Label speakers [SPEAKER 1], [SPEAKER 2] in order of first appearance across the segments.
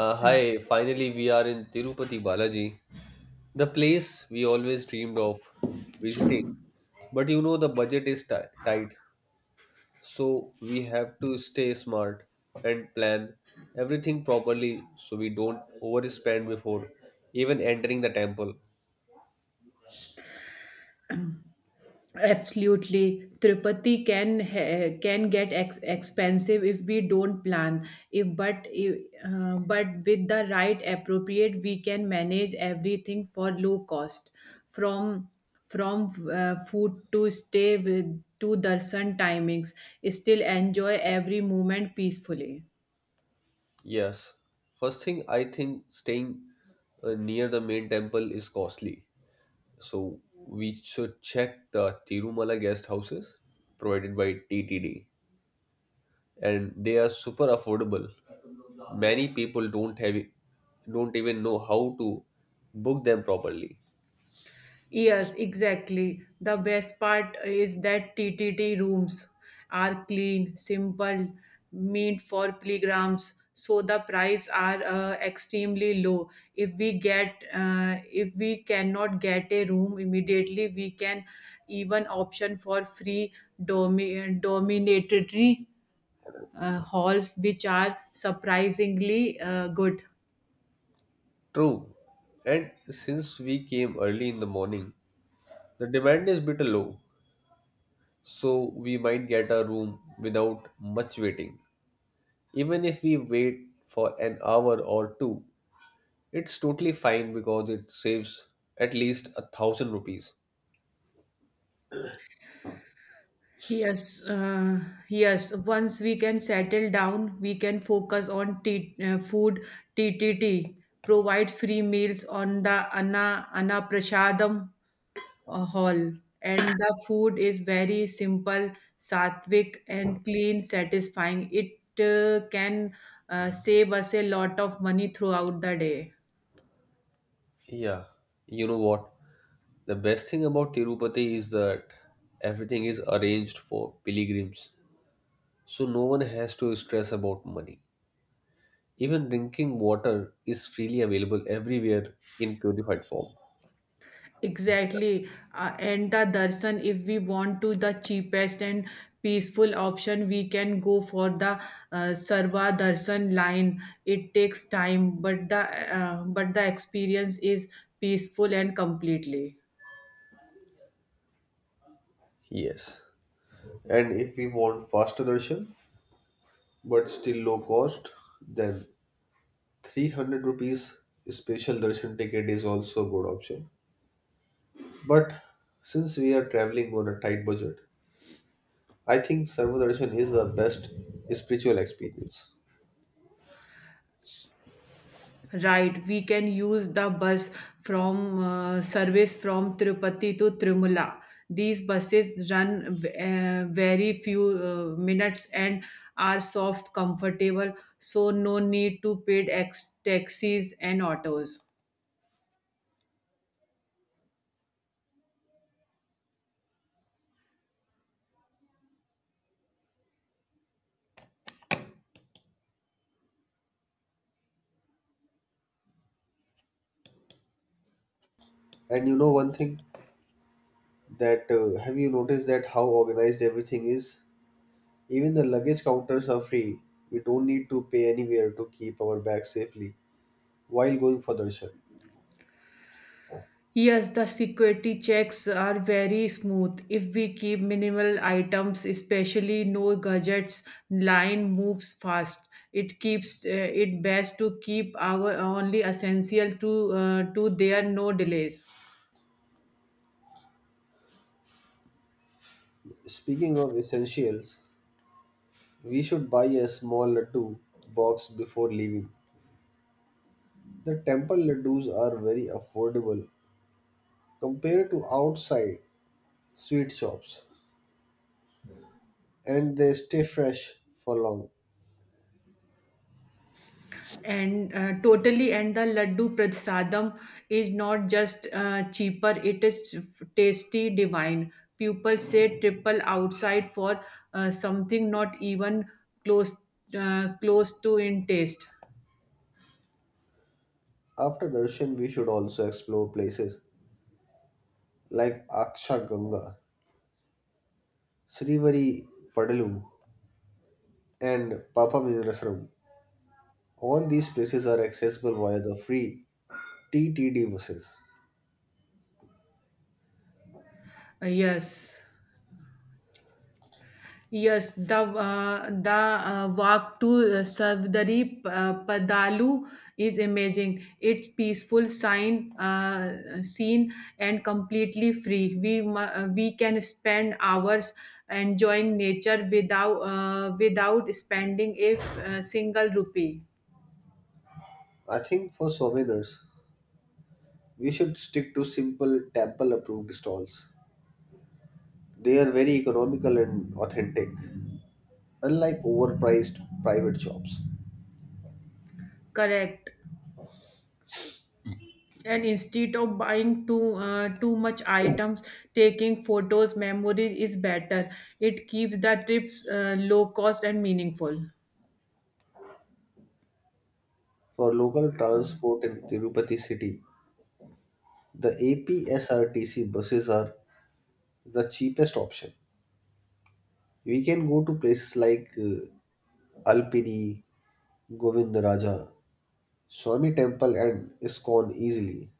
[SPEAKER 1] Hi, finally we are in Tirupati Balaji, the place we always dreamed of visiting. But you know the budget is tight, so we have to stay smart and plan everything properly so we don't overspend before even entering the temple.
[SPEAKER 2] Absolutely, Tirupati can can get expensive if we don't plan. If but if, But with the right appropriate, we can manage everything for low cost, from from food to stay with to darshan timings. Still enjoy every moment peacefully.
[SPEAKER 1] Yes, first thing I think staying near the main temple is costly, so we should check the Tirumala guest houses provided by TTD, and they are super affordable. Many people don't even know how to book them properly.
[SPEAKER 2] Yes, exactly. The best part is that TTT rooms are clean, simple, meant for pilgrims. So the price are extremely low. If we cannot get a room immediately, we can even option for free dominatory halls, which are surprisingly good.
[SPEAKER 1] True. And since we came early in the morning, the demand is bit low, so we might get a room without much waiting. Even if we wait for an hour or two, it's totally fine because it saves at least 1,000 rupees.
[SPEAKER 2] Yes, yes. Once we can settle down, we can focus on food. T. T T. provide free meals on the Anna Prashadam hall. And the food is very simple, sattvic, and clean, satisfying. It can save us a lot of money throughout the day.
[SPEAKER 1] Yeah, you know what? The best thing about Tirupati is that everything is arranged for pilgrims, so no one has to stress about money. Even drinking water is freely available everywhere in purified form.
[SPEAKER 2] Exactly. And the darshan, if we want to the cheapest and peaceful option, we can go for the Sarva darshan line. It takes time, but the experience is peaceful and completely.
[SPEAKER 1] Yes. And if we want faster darshan but still low cost, then 300 rupees special darshan ticket is also a good option. But since we are traveling on a tight budget, I think Sarva Darshan is the best spiritual experience.
[SPEAKER 2] Right, we can use the bus from service from Tirupati to Trimula. These buses run very few minutes and are soft, comfortable, so no need to paid taxis and autos.
[SPEAKER 1] And you know one thing? That Have you noticed that how organized everything is? Even the luggage counters are free. We don't need to pay anywhere to keep our bags safely while going for darshan.
[SPEAKER 2] Yes, the security checks are very smooth. If we keep minimal items, especially no gadgets, line moves fast. It best to keep our only essential to there no delays.
[SPEAKER 1] Speaking of essentials, we should buy a small laddu box before leaving. The temple laddus are very affordable compared to outside sweet shops, and they stay fresh for long.
[SPEAKER 2] And totally, and the laddu prasadam is not just cheaper; it is tasty, divine. People say triple outside for something not even close close to in taste.
[SPEAKER 1] After darshan, we should also explore places like Aksha Ganga, Srivari Padalu, and Papa Business Room. All these places are accessible via the free TTD buses.
[SPEAKER 2] Yes, yes. The walk to Savdari Padalu is amazing. It's peaceful, sign scene, and completely free. We can spend hours enjoying nature without spending a single rupee.
[SPEAKER 1] I think for souvenirs, we should stick to simple temple approved stalls. They are very economical and authentic, unlike overpriced private shops.
[SPEAKER 2] Correct. And instead of buying too much items. Taking photos memory is better. It keeps the trips low cost and meaningful.
[SPEAKER 1] For local transport in Tirupati city, the APSRTC buses are the cheapest option. We can go to places like Alpini, Govindaraja, Swami Temple, and ISKCON easily.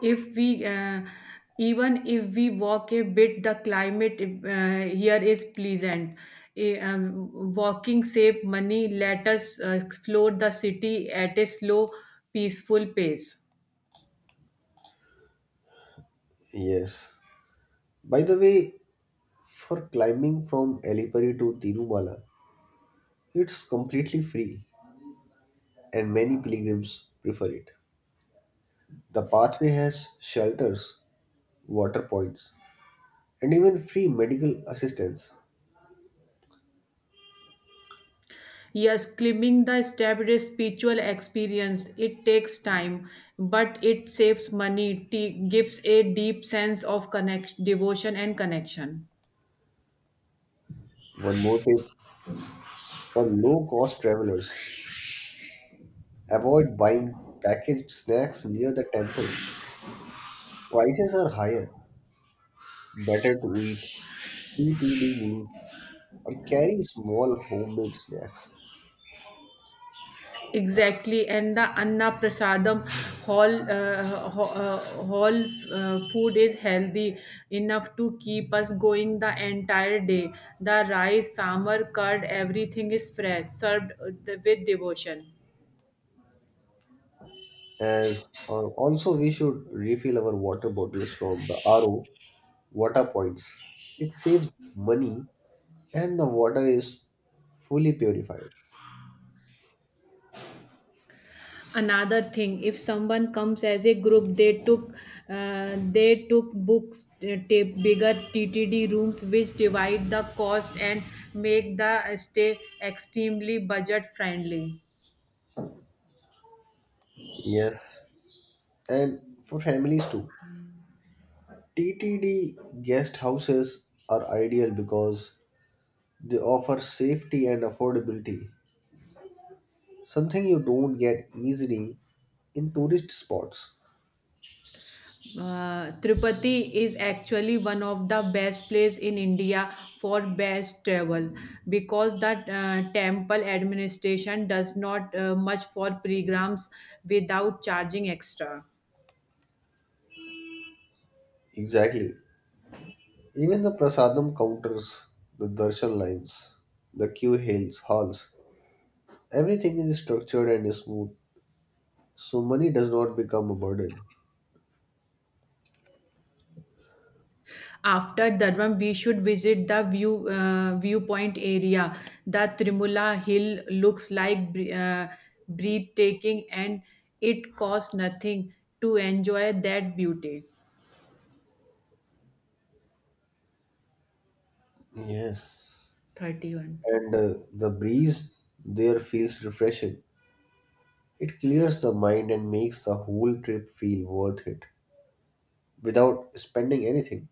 [SPEAKER 2] If we uh, even if we walk a bit, the climate here is pleasant. Walking save money, let us explore the city at a slow peaceful pace.
[SPEAKER 1] Yes. By the way, for climbing from Alipuri to Tirumala, it's completely free and many pilgrims prefer it. The pathway has shelters, water points, and even free medical assistance.
[SPEAKER 2] Yes, climbing the step is spiritual experience. It takes time, but it saves money, gives a deep sense of devotion and connection.
[SPEAKER 1] One more tip for low cost travelers: avoid buying packaged snacks near the temple. Prices are higher. Better to eat TTD meals or carry small homemade snacks.
[SPEAKER 2] Exactly, and the Anna Prasadam hall, uh, ho- uh, hall, food is healthy enough to keep us going the entire day. The rice, samar, curd, everything is fresh, served with devotion.
[SPEAKER 1] As also, we should refill our water bottles from the RO water points. It saves money, and the water is fully purified.
[SPEAKER 2] Another thing, if someone comes as a group, they took books tape bigger TTD rooms which divide the cost and make the stay extremely budget friendly.
[SPEAKER 1] Yes, and for families too. TTD guest houses are ideal because they offer safety and affordability, something you don't get easily in tourist spots.
[SPEAKER 2] Tirupati is actually one of the best place in India for best travel because the temple administration does not much for pilgrims without charging extra.
[SPEAKER 1] Exactly. Even the prasadam counters, the darshan lines, the queue hills, halls, everything is structured and smooth, so money does not become a burden.
[SPEAKER 2] After that one, we should visit the viewpoint area. The Trimula Hill looks like breathtaking, and it costs nothing to enjoy that beauty.
[SPEAKER 1] Yes.
[SPEAKER 2] 31.
[SPEAKER 1] And the breeze there feels refreshing. It clears the mind and makes the whole trip feel worth it without spending anything.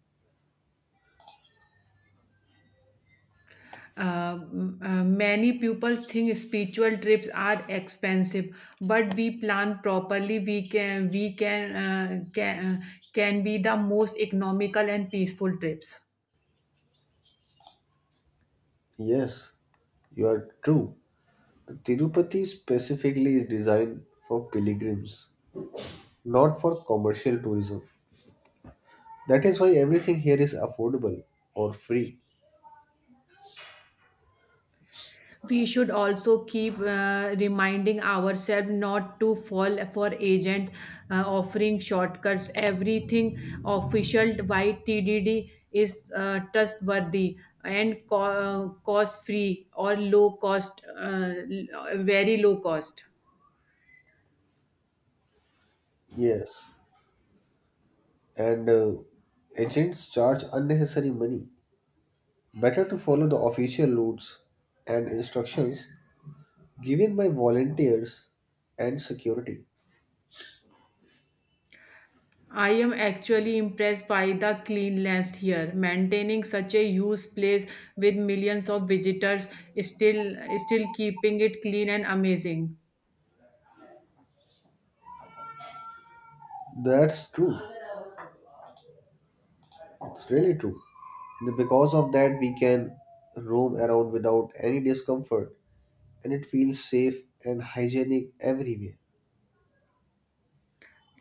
[SPEAKER 2] Many people think spiritual trips are expensive, but we plan properly. We can be the most economical and peaceful trips.
[SPEAKER 1] Yes, you are true. The Tirupati specifically is designed for pilgrims, not for commercial tourism. That is why everything here is affordable or free.
[SPEAKER 2] We should also keep reminding ourselves not to fall for agents offering shortcuts. Everything official by TDD is trustworthy and cost free or low cost, very low cost.
[SPEAKER 1] Yes. And agents charge unnecessary money. Better to follow the official routes and instructions given by volunteers and security.
[SPEAKER 2] I am actually impressed by the cleanliness here. Maintaining such a huge place with millions of visitors, still keeping it clean and amazing.
[SPEAKER 1] That's true. It's really true. And because of that, we can roam around without any discomfort and it feels safe and hygienic everywhere.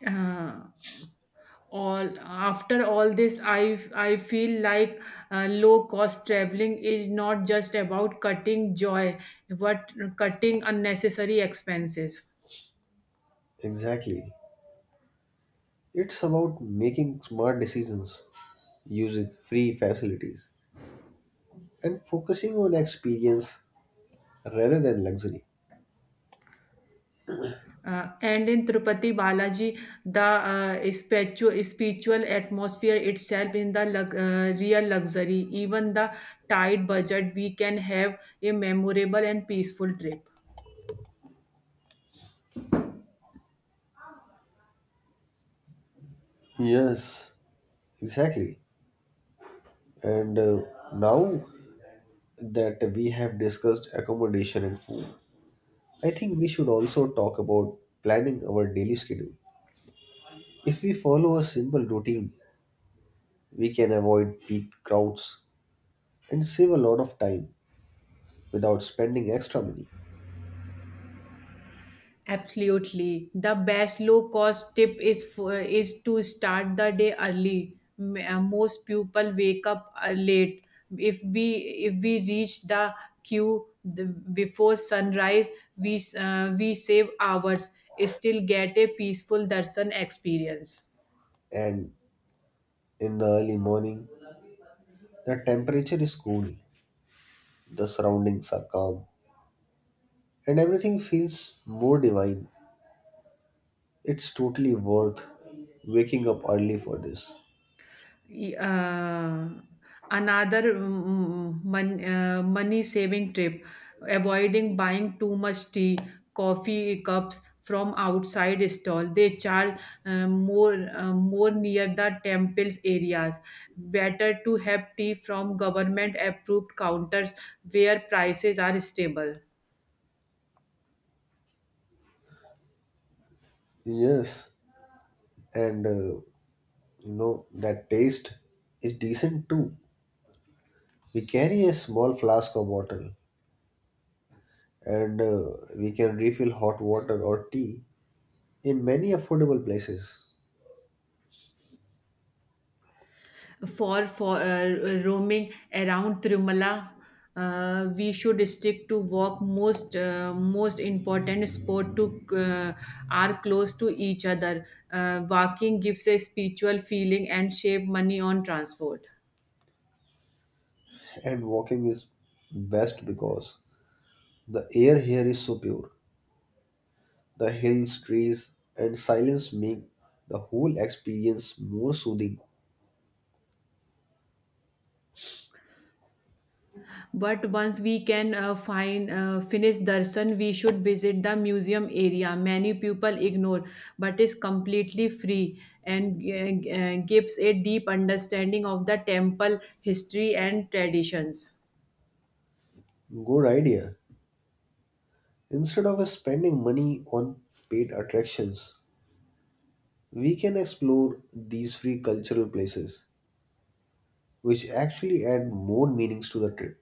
[SPEAKER 2] Uh, all after all this, I feel like low cost traveling is not just about cutting joy but cutting unnecessary expenses.
[SPEAKER 1] Exactly. It's about making smart decisions, using free facilities and focusing on experience rather than luxury.
[SPEAKER 2] And in Tirupati Balaji, the spiritual atmosphere itself in the real luxury. Even the tight budget, we can have a memorable and peaceful trip.
[SPEAKER 1] Yes, exactly. And now that we have discussed accommodation and food, I think we should also talk about planning our daily schedule. If we follow a simple routine, we can avoid peak crowds and save a lot of time without spending extra money.
[SPEAKER 2] Absolutely. The best low cost tip is to start the day early. Most people wake up late. If we if we reach the queue, before sunrise, we save hours. Still get a peaceful darshan experience.
[SPEAKER 1] And in the early morning, the temperature is cool, the surroundings are calm, and everything feels more divine. It's totally worth waking up early for this.
[SPEAKER 2] Y- uh, Another money saving tip: avoiding buying too much tea coffee cups from outside stall. They charge more near the temples areas. Better to have tea from government approved counters where prices are stable.
[SPEAKER 1] Yes, and you know that taste is decent too. We carry a small flask of water and we can refill hot water or tea in many affordable places.
[SPEAKER 2] For roaming around Tirumala. We should stick to walk most important sport to are close to each other. Walking gives a spiritual feeling and save money on transport.
[SPEAKER 1] And walking is best because the air here is so pure. The hills, trees, and silence make the whole experience more soothing.
[SPEAKER 2] But once we can find finish darshan, we should visit the museum area. Many people ignore, but is completely free and gives a deep understanding of the temple history and traditions.
[SPEAKER 1] Good idea. Instead of spending money on paid attractions, we can explore these free cultural places which actually add more meanings to the trip.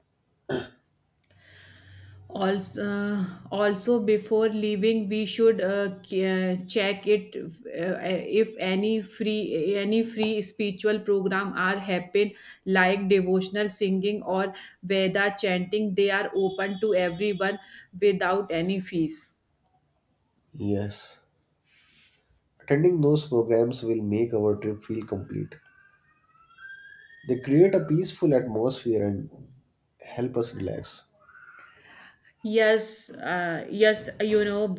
[SPEAKER 2] Also, uh, also, before leaving, we should check it if any free spiritual program are happen like devotional singing or Veda chanting. They are open to everyone without any fees.
[SPEAKER 1] Yes. Attending those programs will make our trip feel complete. They create a peaceful atmosphere and help us relax.
[SPEAKER 2] Yes, yes.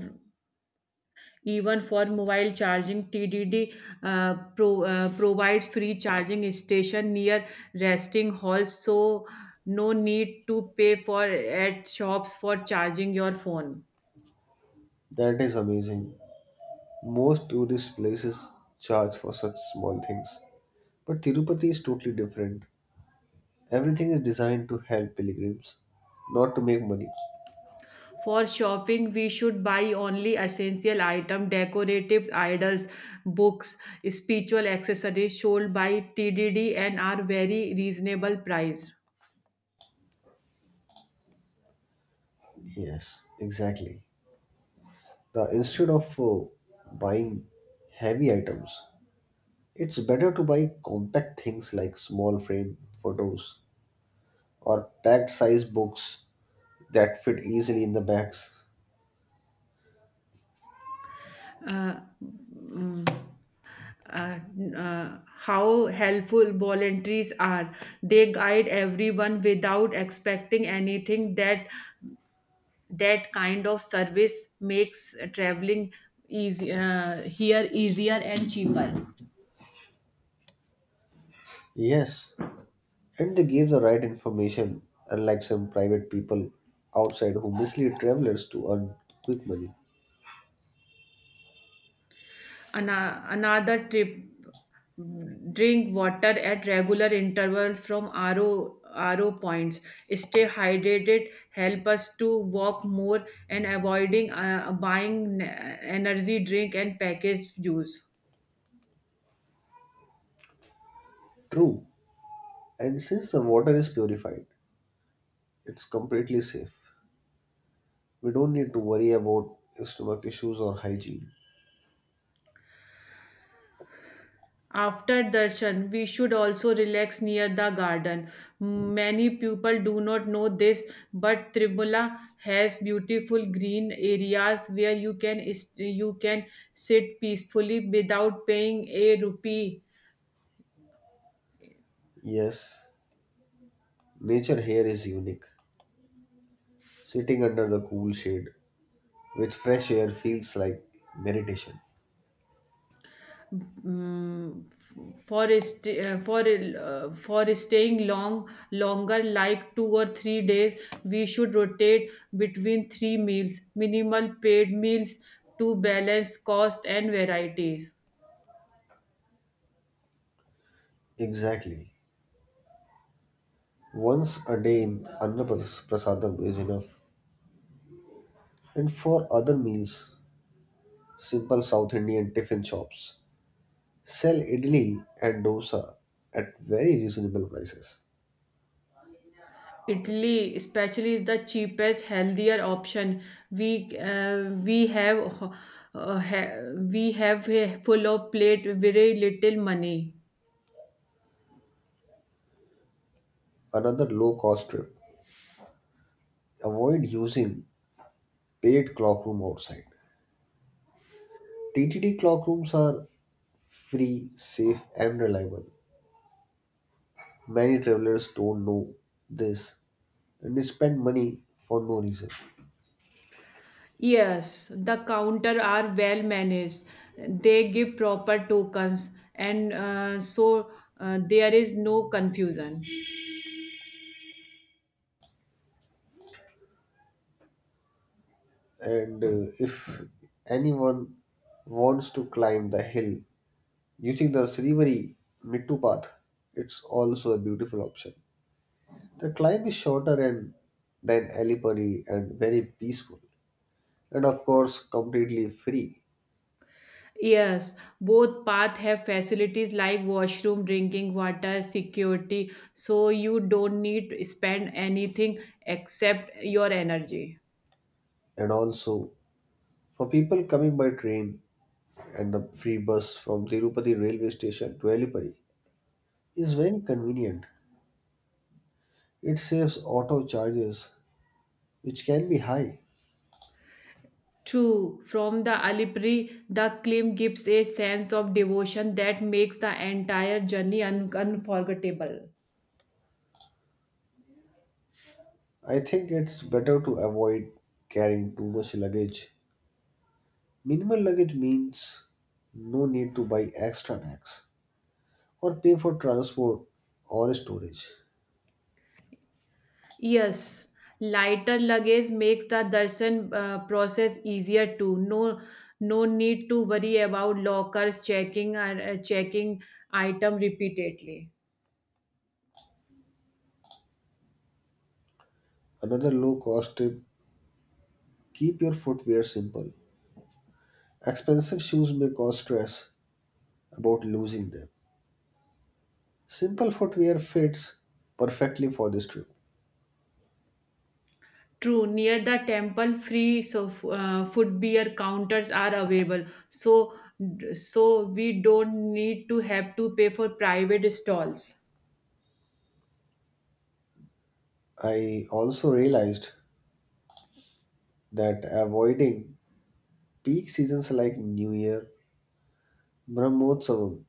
[SPEAKER 2] Even for mobile charging, TDD provides free charging station near resting halls, so no need to pay for at shops for charging your phone.
[SPEAKER 1] That is amazing. Most tourist places charge for such small things. But Tirupati is totally different. Everything is designed to help pilgrims, not to make money.
[SPEAKER 2] For shopping, we should buy only essential item, decorative idols, books, spiritual accessories sold by TDD and are very reasonable price.
[SPEAKER 1] Yes, exactly. The instead of buying heavy items, it's better to buy compact things like small frame photos or packed size books that fit easily in the bags.
[SPEAKER 2] uh, mm, uh, how helpful volunteers are. They guide everyone without expecting anything. That kind of service makes traveling easy here, easier and cheaper.
[SPEAKER 1] Yes, and they give the right information, unlike some private people outside who mislead travelers to earn quick money.
[SPEAKER 2] Another tip: drink water at regular intervals from RO, RO points. Stay hydrated, help us to walk more and avoiding buying energy drink and packaged juice.
[SPEAKER 1] True, and since the water is purified, it's completely safe. We don't need to worry about stomach issues or hygiene.
[SPEAKER 2] After darshan, we should also relax near the garden. Many people do not know this, but Trimula has beautiful green areas where you can sit peacefully without paying a rupee.
[SPEAKER 1] Yes, nature here is unique. Sitting under the cool shade which fresh air feels like meditation.
[SPEAKER 2] Mm, for st- uh, for uh, for staying longer like 2 or 3 days. We should rotate between three meals, minimal paid meals to balance cost and varieties.
[SPEAKER 1] Exactly. Once a day in Andhra Pradesh, prasadam is enough. And for other meals, simple South Indian tiffin shops sell idli and dosa at very reasonable prices.
[SPEAKER 2] Italy, especially, is the cheapest, healthier option. We have uh, ha- a full of plate, very little money.
[SPEAKER 1] Another low cost trip: avoid using paid clock room outside. TTT clock rooms are free, safe, and reliable. Many travelers don't know this and they spend money for no reason.
[SPEAKER 2] Yes, the counter are well managed. They give proper tokens, and so there is no confusion.
[SPEAKER 1] And if anyone wants to climb the hill using the Srivari Mittu path, it's also a beautiful option. The climb is shorter and than Alipuri and very peaceful, and of course completely free.
[SPEAKER 2] Yes, both paths have facilities like washroom, drinking water, security, so you don't need to spend anything except your energy.
[SPEAKER 1] And also for people coming by train and the free bus from Tirupati railway station to Alipuri is very convenient. It saves auto charges, which can be high.
[SPEAKER 2] True, from the Alipri, the climb gives a sense of devotion that makes the entire journey unforgettable.
[SPEAKER 1] I think it's better to avoid carrying too much luggage. Minimal luggage means no need to buy extra bags or pay for transport or storage.
[SPEAKER 2] Yes, lighter luggage makes the darshan process easier too. No, no need to worry about lockers checking and checking item repeatedly.
[SPEAKER 1] Another low cost tip: keep your footwear simple. Expensive shoes may cause stress about losing them. Simple footwear fits perfectly for this trip.
[SPEAKER 2] True, near the temple, free food beer counters are available. So, so we don't need to have to pay for private stalls.
[SPEAKER 1] I also realized that avoiding peak seasons like New Year, Brahmotsavam,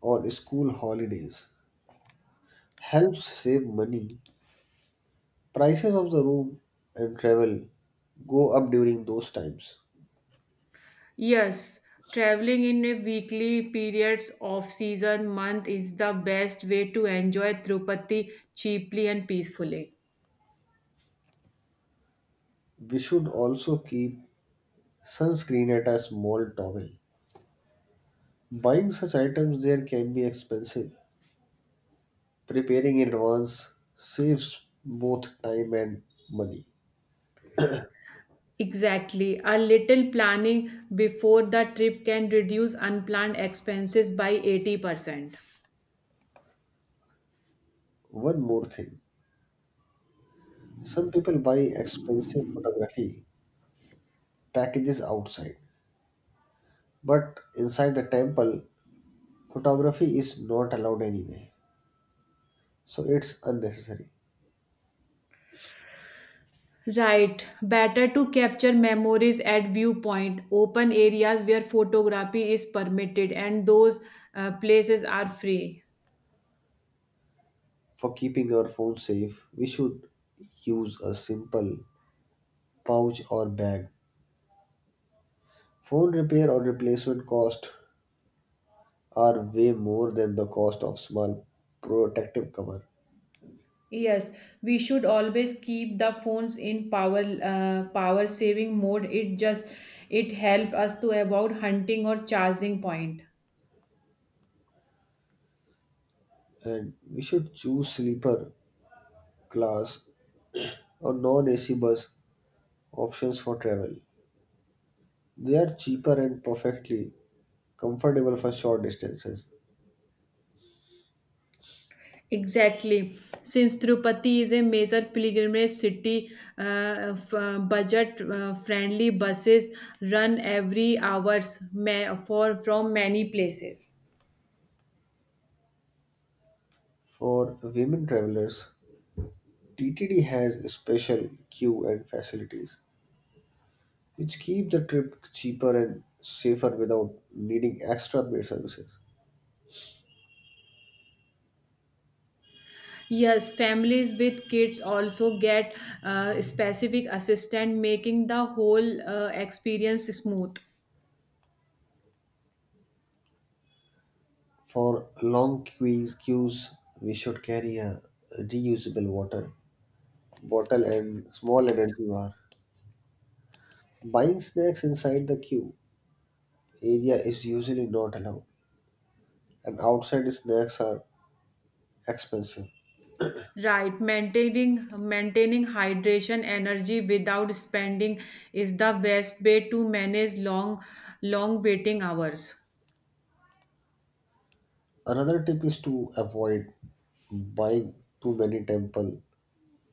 [SPEAKER 1] or school holidays helps save money. Prices of the room and travel go up during those times.
[SPEAKER 2] Yes, traveling in a weekly periods of season month is the best way to enjoy Tirupati cheaply and peacefully.
[SPEAKER 1] We should also keep sunscreen at a small towel. Buying such items there can be expensive. Preparing in advance saves both time and money.
[SPEAKER 2] Exactly. A little planning before the trip can reduce unplanned expenses by 80%.
[SPEAKER 1] One more thing: some people buy expensive photography packages outside, but inside the temple, photography is not allowed anyway, so it's unnecessary.
[SPEAKER 2] Right. Better to capture memories at viewpoint, open areas where photography is permitted and those places are free.
[SPEAKER 1] For keeping our phone safe, we should use a simple pouch or bag. Phone repair or replacement cost are way more than the cost of small protective cover.
[SPEAKER 2] Yes, we should always keep the phones in power saving mode. It just, it help us to avoid hunting or charging point.
[SPEAKER 1] And we should choose sleeper class or non-AC bus options for travel. They are cheaper and perfectly comfortable for short distances.
[SPEAKER 2] Exactly. Since Tirupati is a major pilgrimage city, budget friendly buses run every hours ma- for from many places.
[SPEAKER 1] For women travelers, TTD has special queue and facilities, which keep the trip cheaper and safer without needing extra paid services.
[SPEAKER 2] Yes, families with kids also get specific assistance, making the whole experience smooth.
[SPEAKER 1] For long queues, we should carry a reusable water bottle and small energy bar. Buying snacks inside the queue area is usually not allowed, and outside snacks are expensive.
[SPEAKER 2] Right, maintaining hydration energy without spending is the best way to manage long waiting hours.
[SPEAKER 1] Another tip is to avoid buying too many temple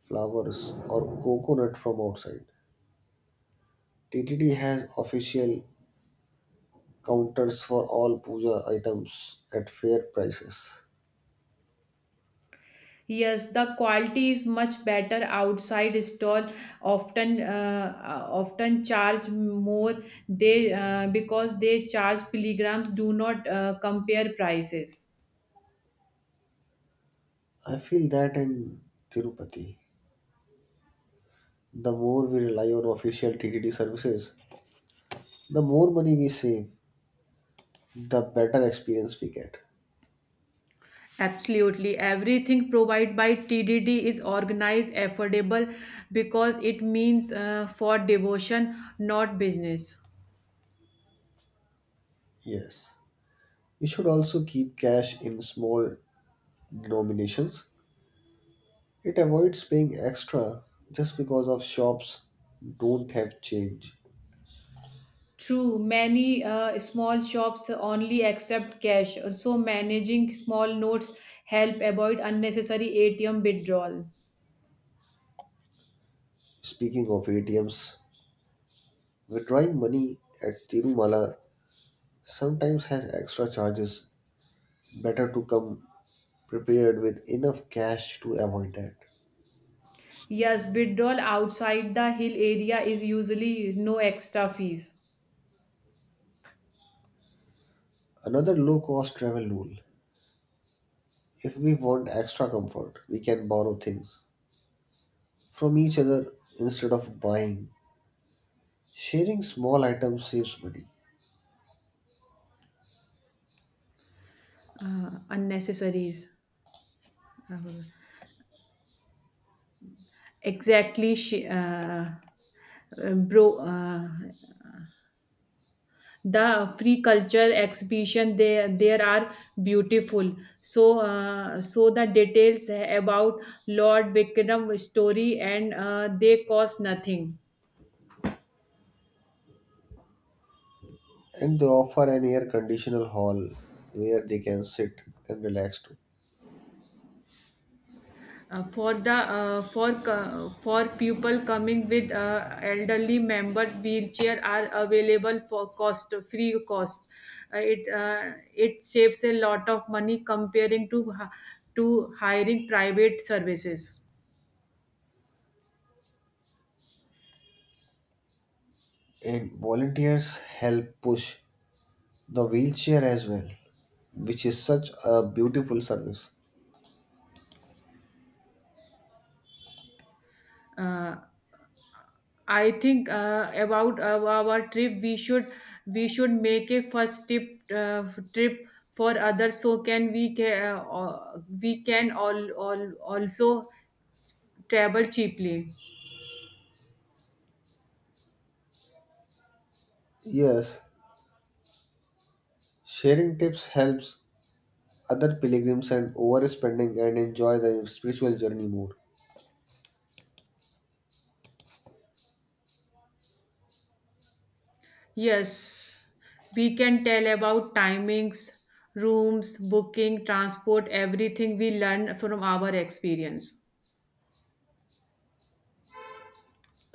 [SPEAKER 1] flowers or coconut from outside. TTD has official counters for all puja items at fair prices.
[SPEAKER 2] Yes, the quality is much better outside stall often charge more, they because they charge pilgrims do not compare prices.
[SPEAKER 1] I feel that in Tirupati, the more we rely on official TTD services, the more money we save, the better experience we get.
[SPEAKER 2] Absolutely. Everything provided by TDD is organized, affordable because it means for devotion, not business.
[SPEAKER 1] Yes. We should also keep cash in small denominations. It avoids paying extra just because of shops don't have change.
[SPEAKER 2] True, many small shops only accept cash, so managing small notes help avoid unnecessary ATM withdrawal.
[SPEAKER 1] Speaking of ATMs, withdrawing money at Tirumala sometimes has extra charges. Better to come prepared with enough cash to avoid that.
[SPEAKER 2] Yes, withdrawal outside the hill area is usually no extra fees.
[SPEAKER 1] Another low cost travel rule: if we want extra comfort, we can borrow things from each other instead of buying. Sharing small items saves money,
[SPEAKER 2] Unnecessaries. Uh, exactly. Uh, bro, uh, the free culture exhibition there are beautiful, so the details about Lord Vikram's story and they cost nothing.
[SPEAKER 1] and they offer an air conditional hall where they can sit and relax too.
[SPEAKER 2] Uh, for the uh, for co- for people coming with elderly member, wheelchair are available for cost free cost. Uh, it uh, it saves a lot of money comparing to to hiring private services.
[SPEAKER 1] And volunteers help push the wheelchair as well, which is such a beautiful service.
[SPEAKER 2] uh, I think about our trip. We should make a first trip for others. So can we can we can all also travel cheaply.
[SPEAKER 1] Yes, sharing tips helps other pilgrims and overspending and enjoy the spiritual journey more.
[SPEAKER 2] Yes, we can tell about timings, rooms, booking, transport, everything we learn from our experience.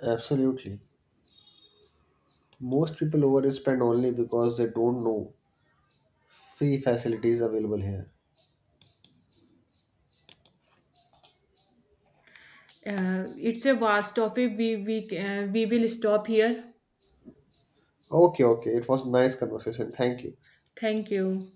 [SPEAKER 1] Absolutely. Most people overspend only because they don't know free facilities available here.
[SPEAKER 2] It's a vast topic. We will stop here.
[SPEAKER 1] Okay, okay. It was nice conversation. Thank you.
[SPEAKER 2] Thank you.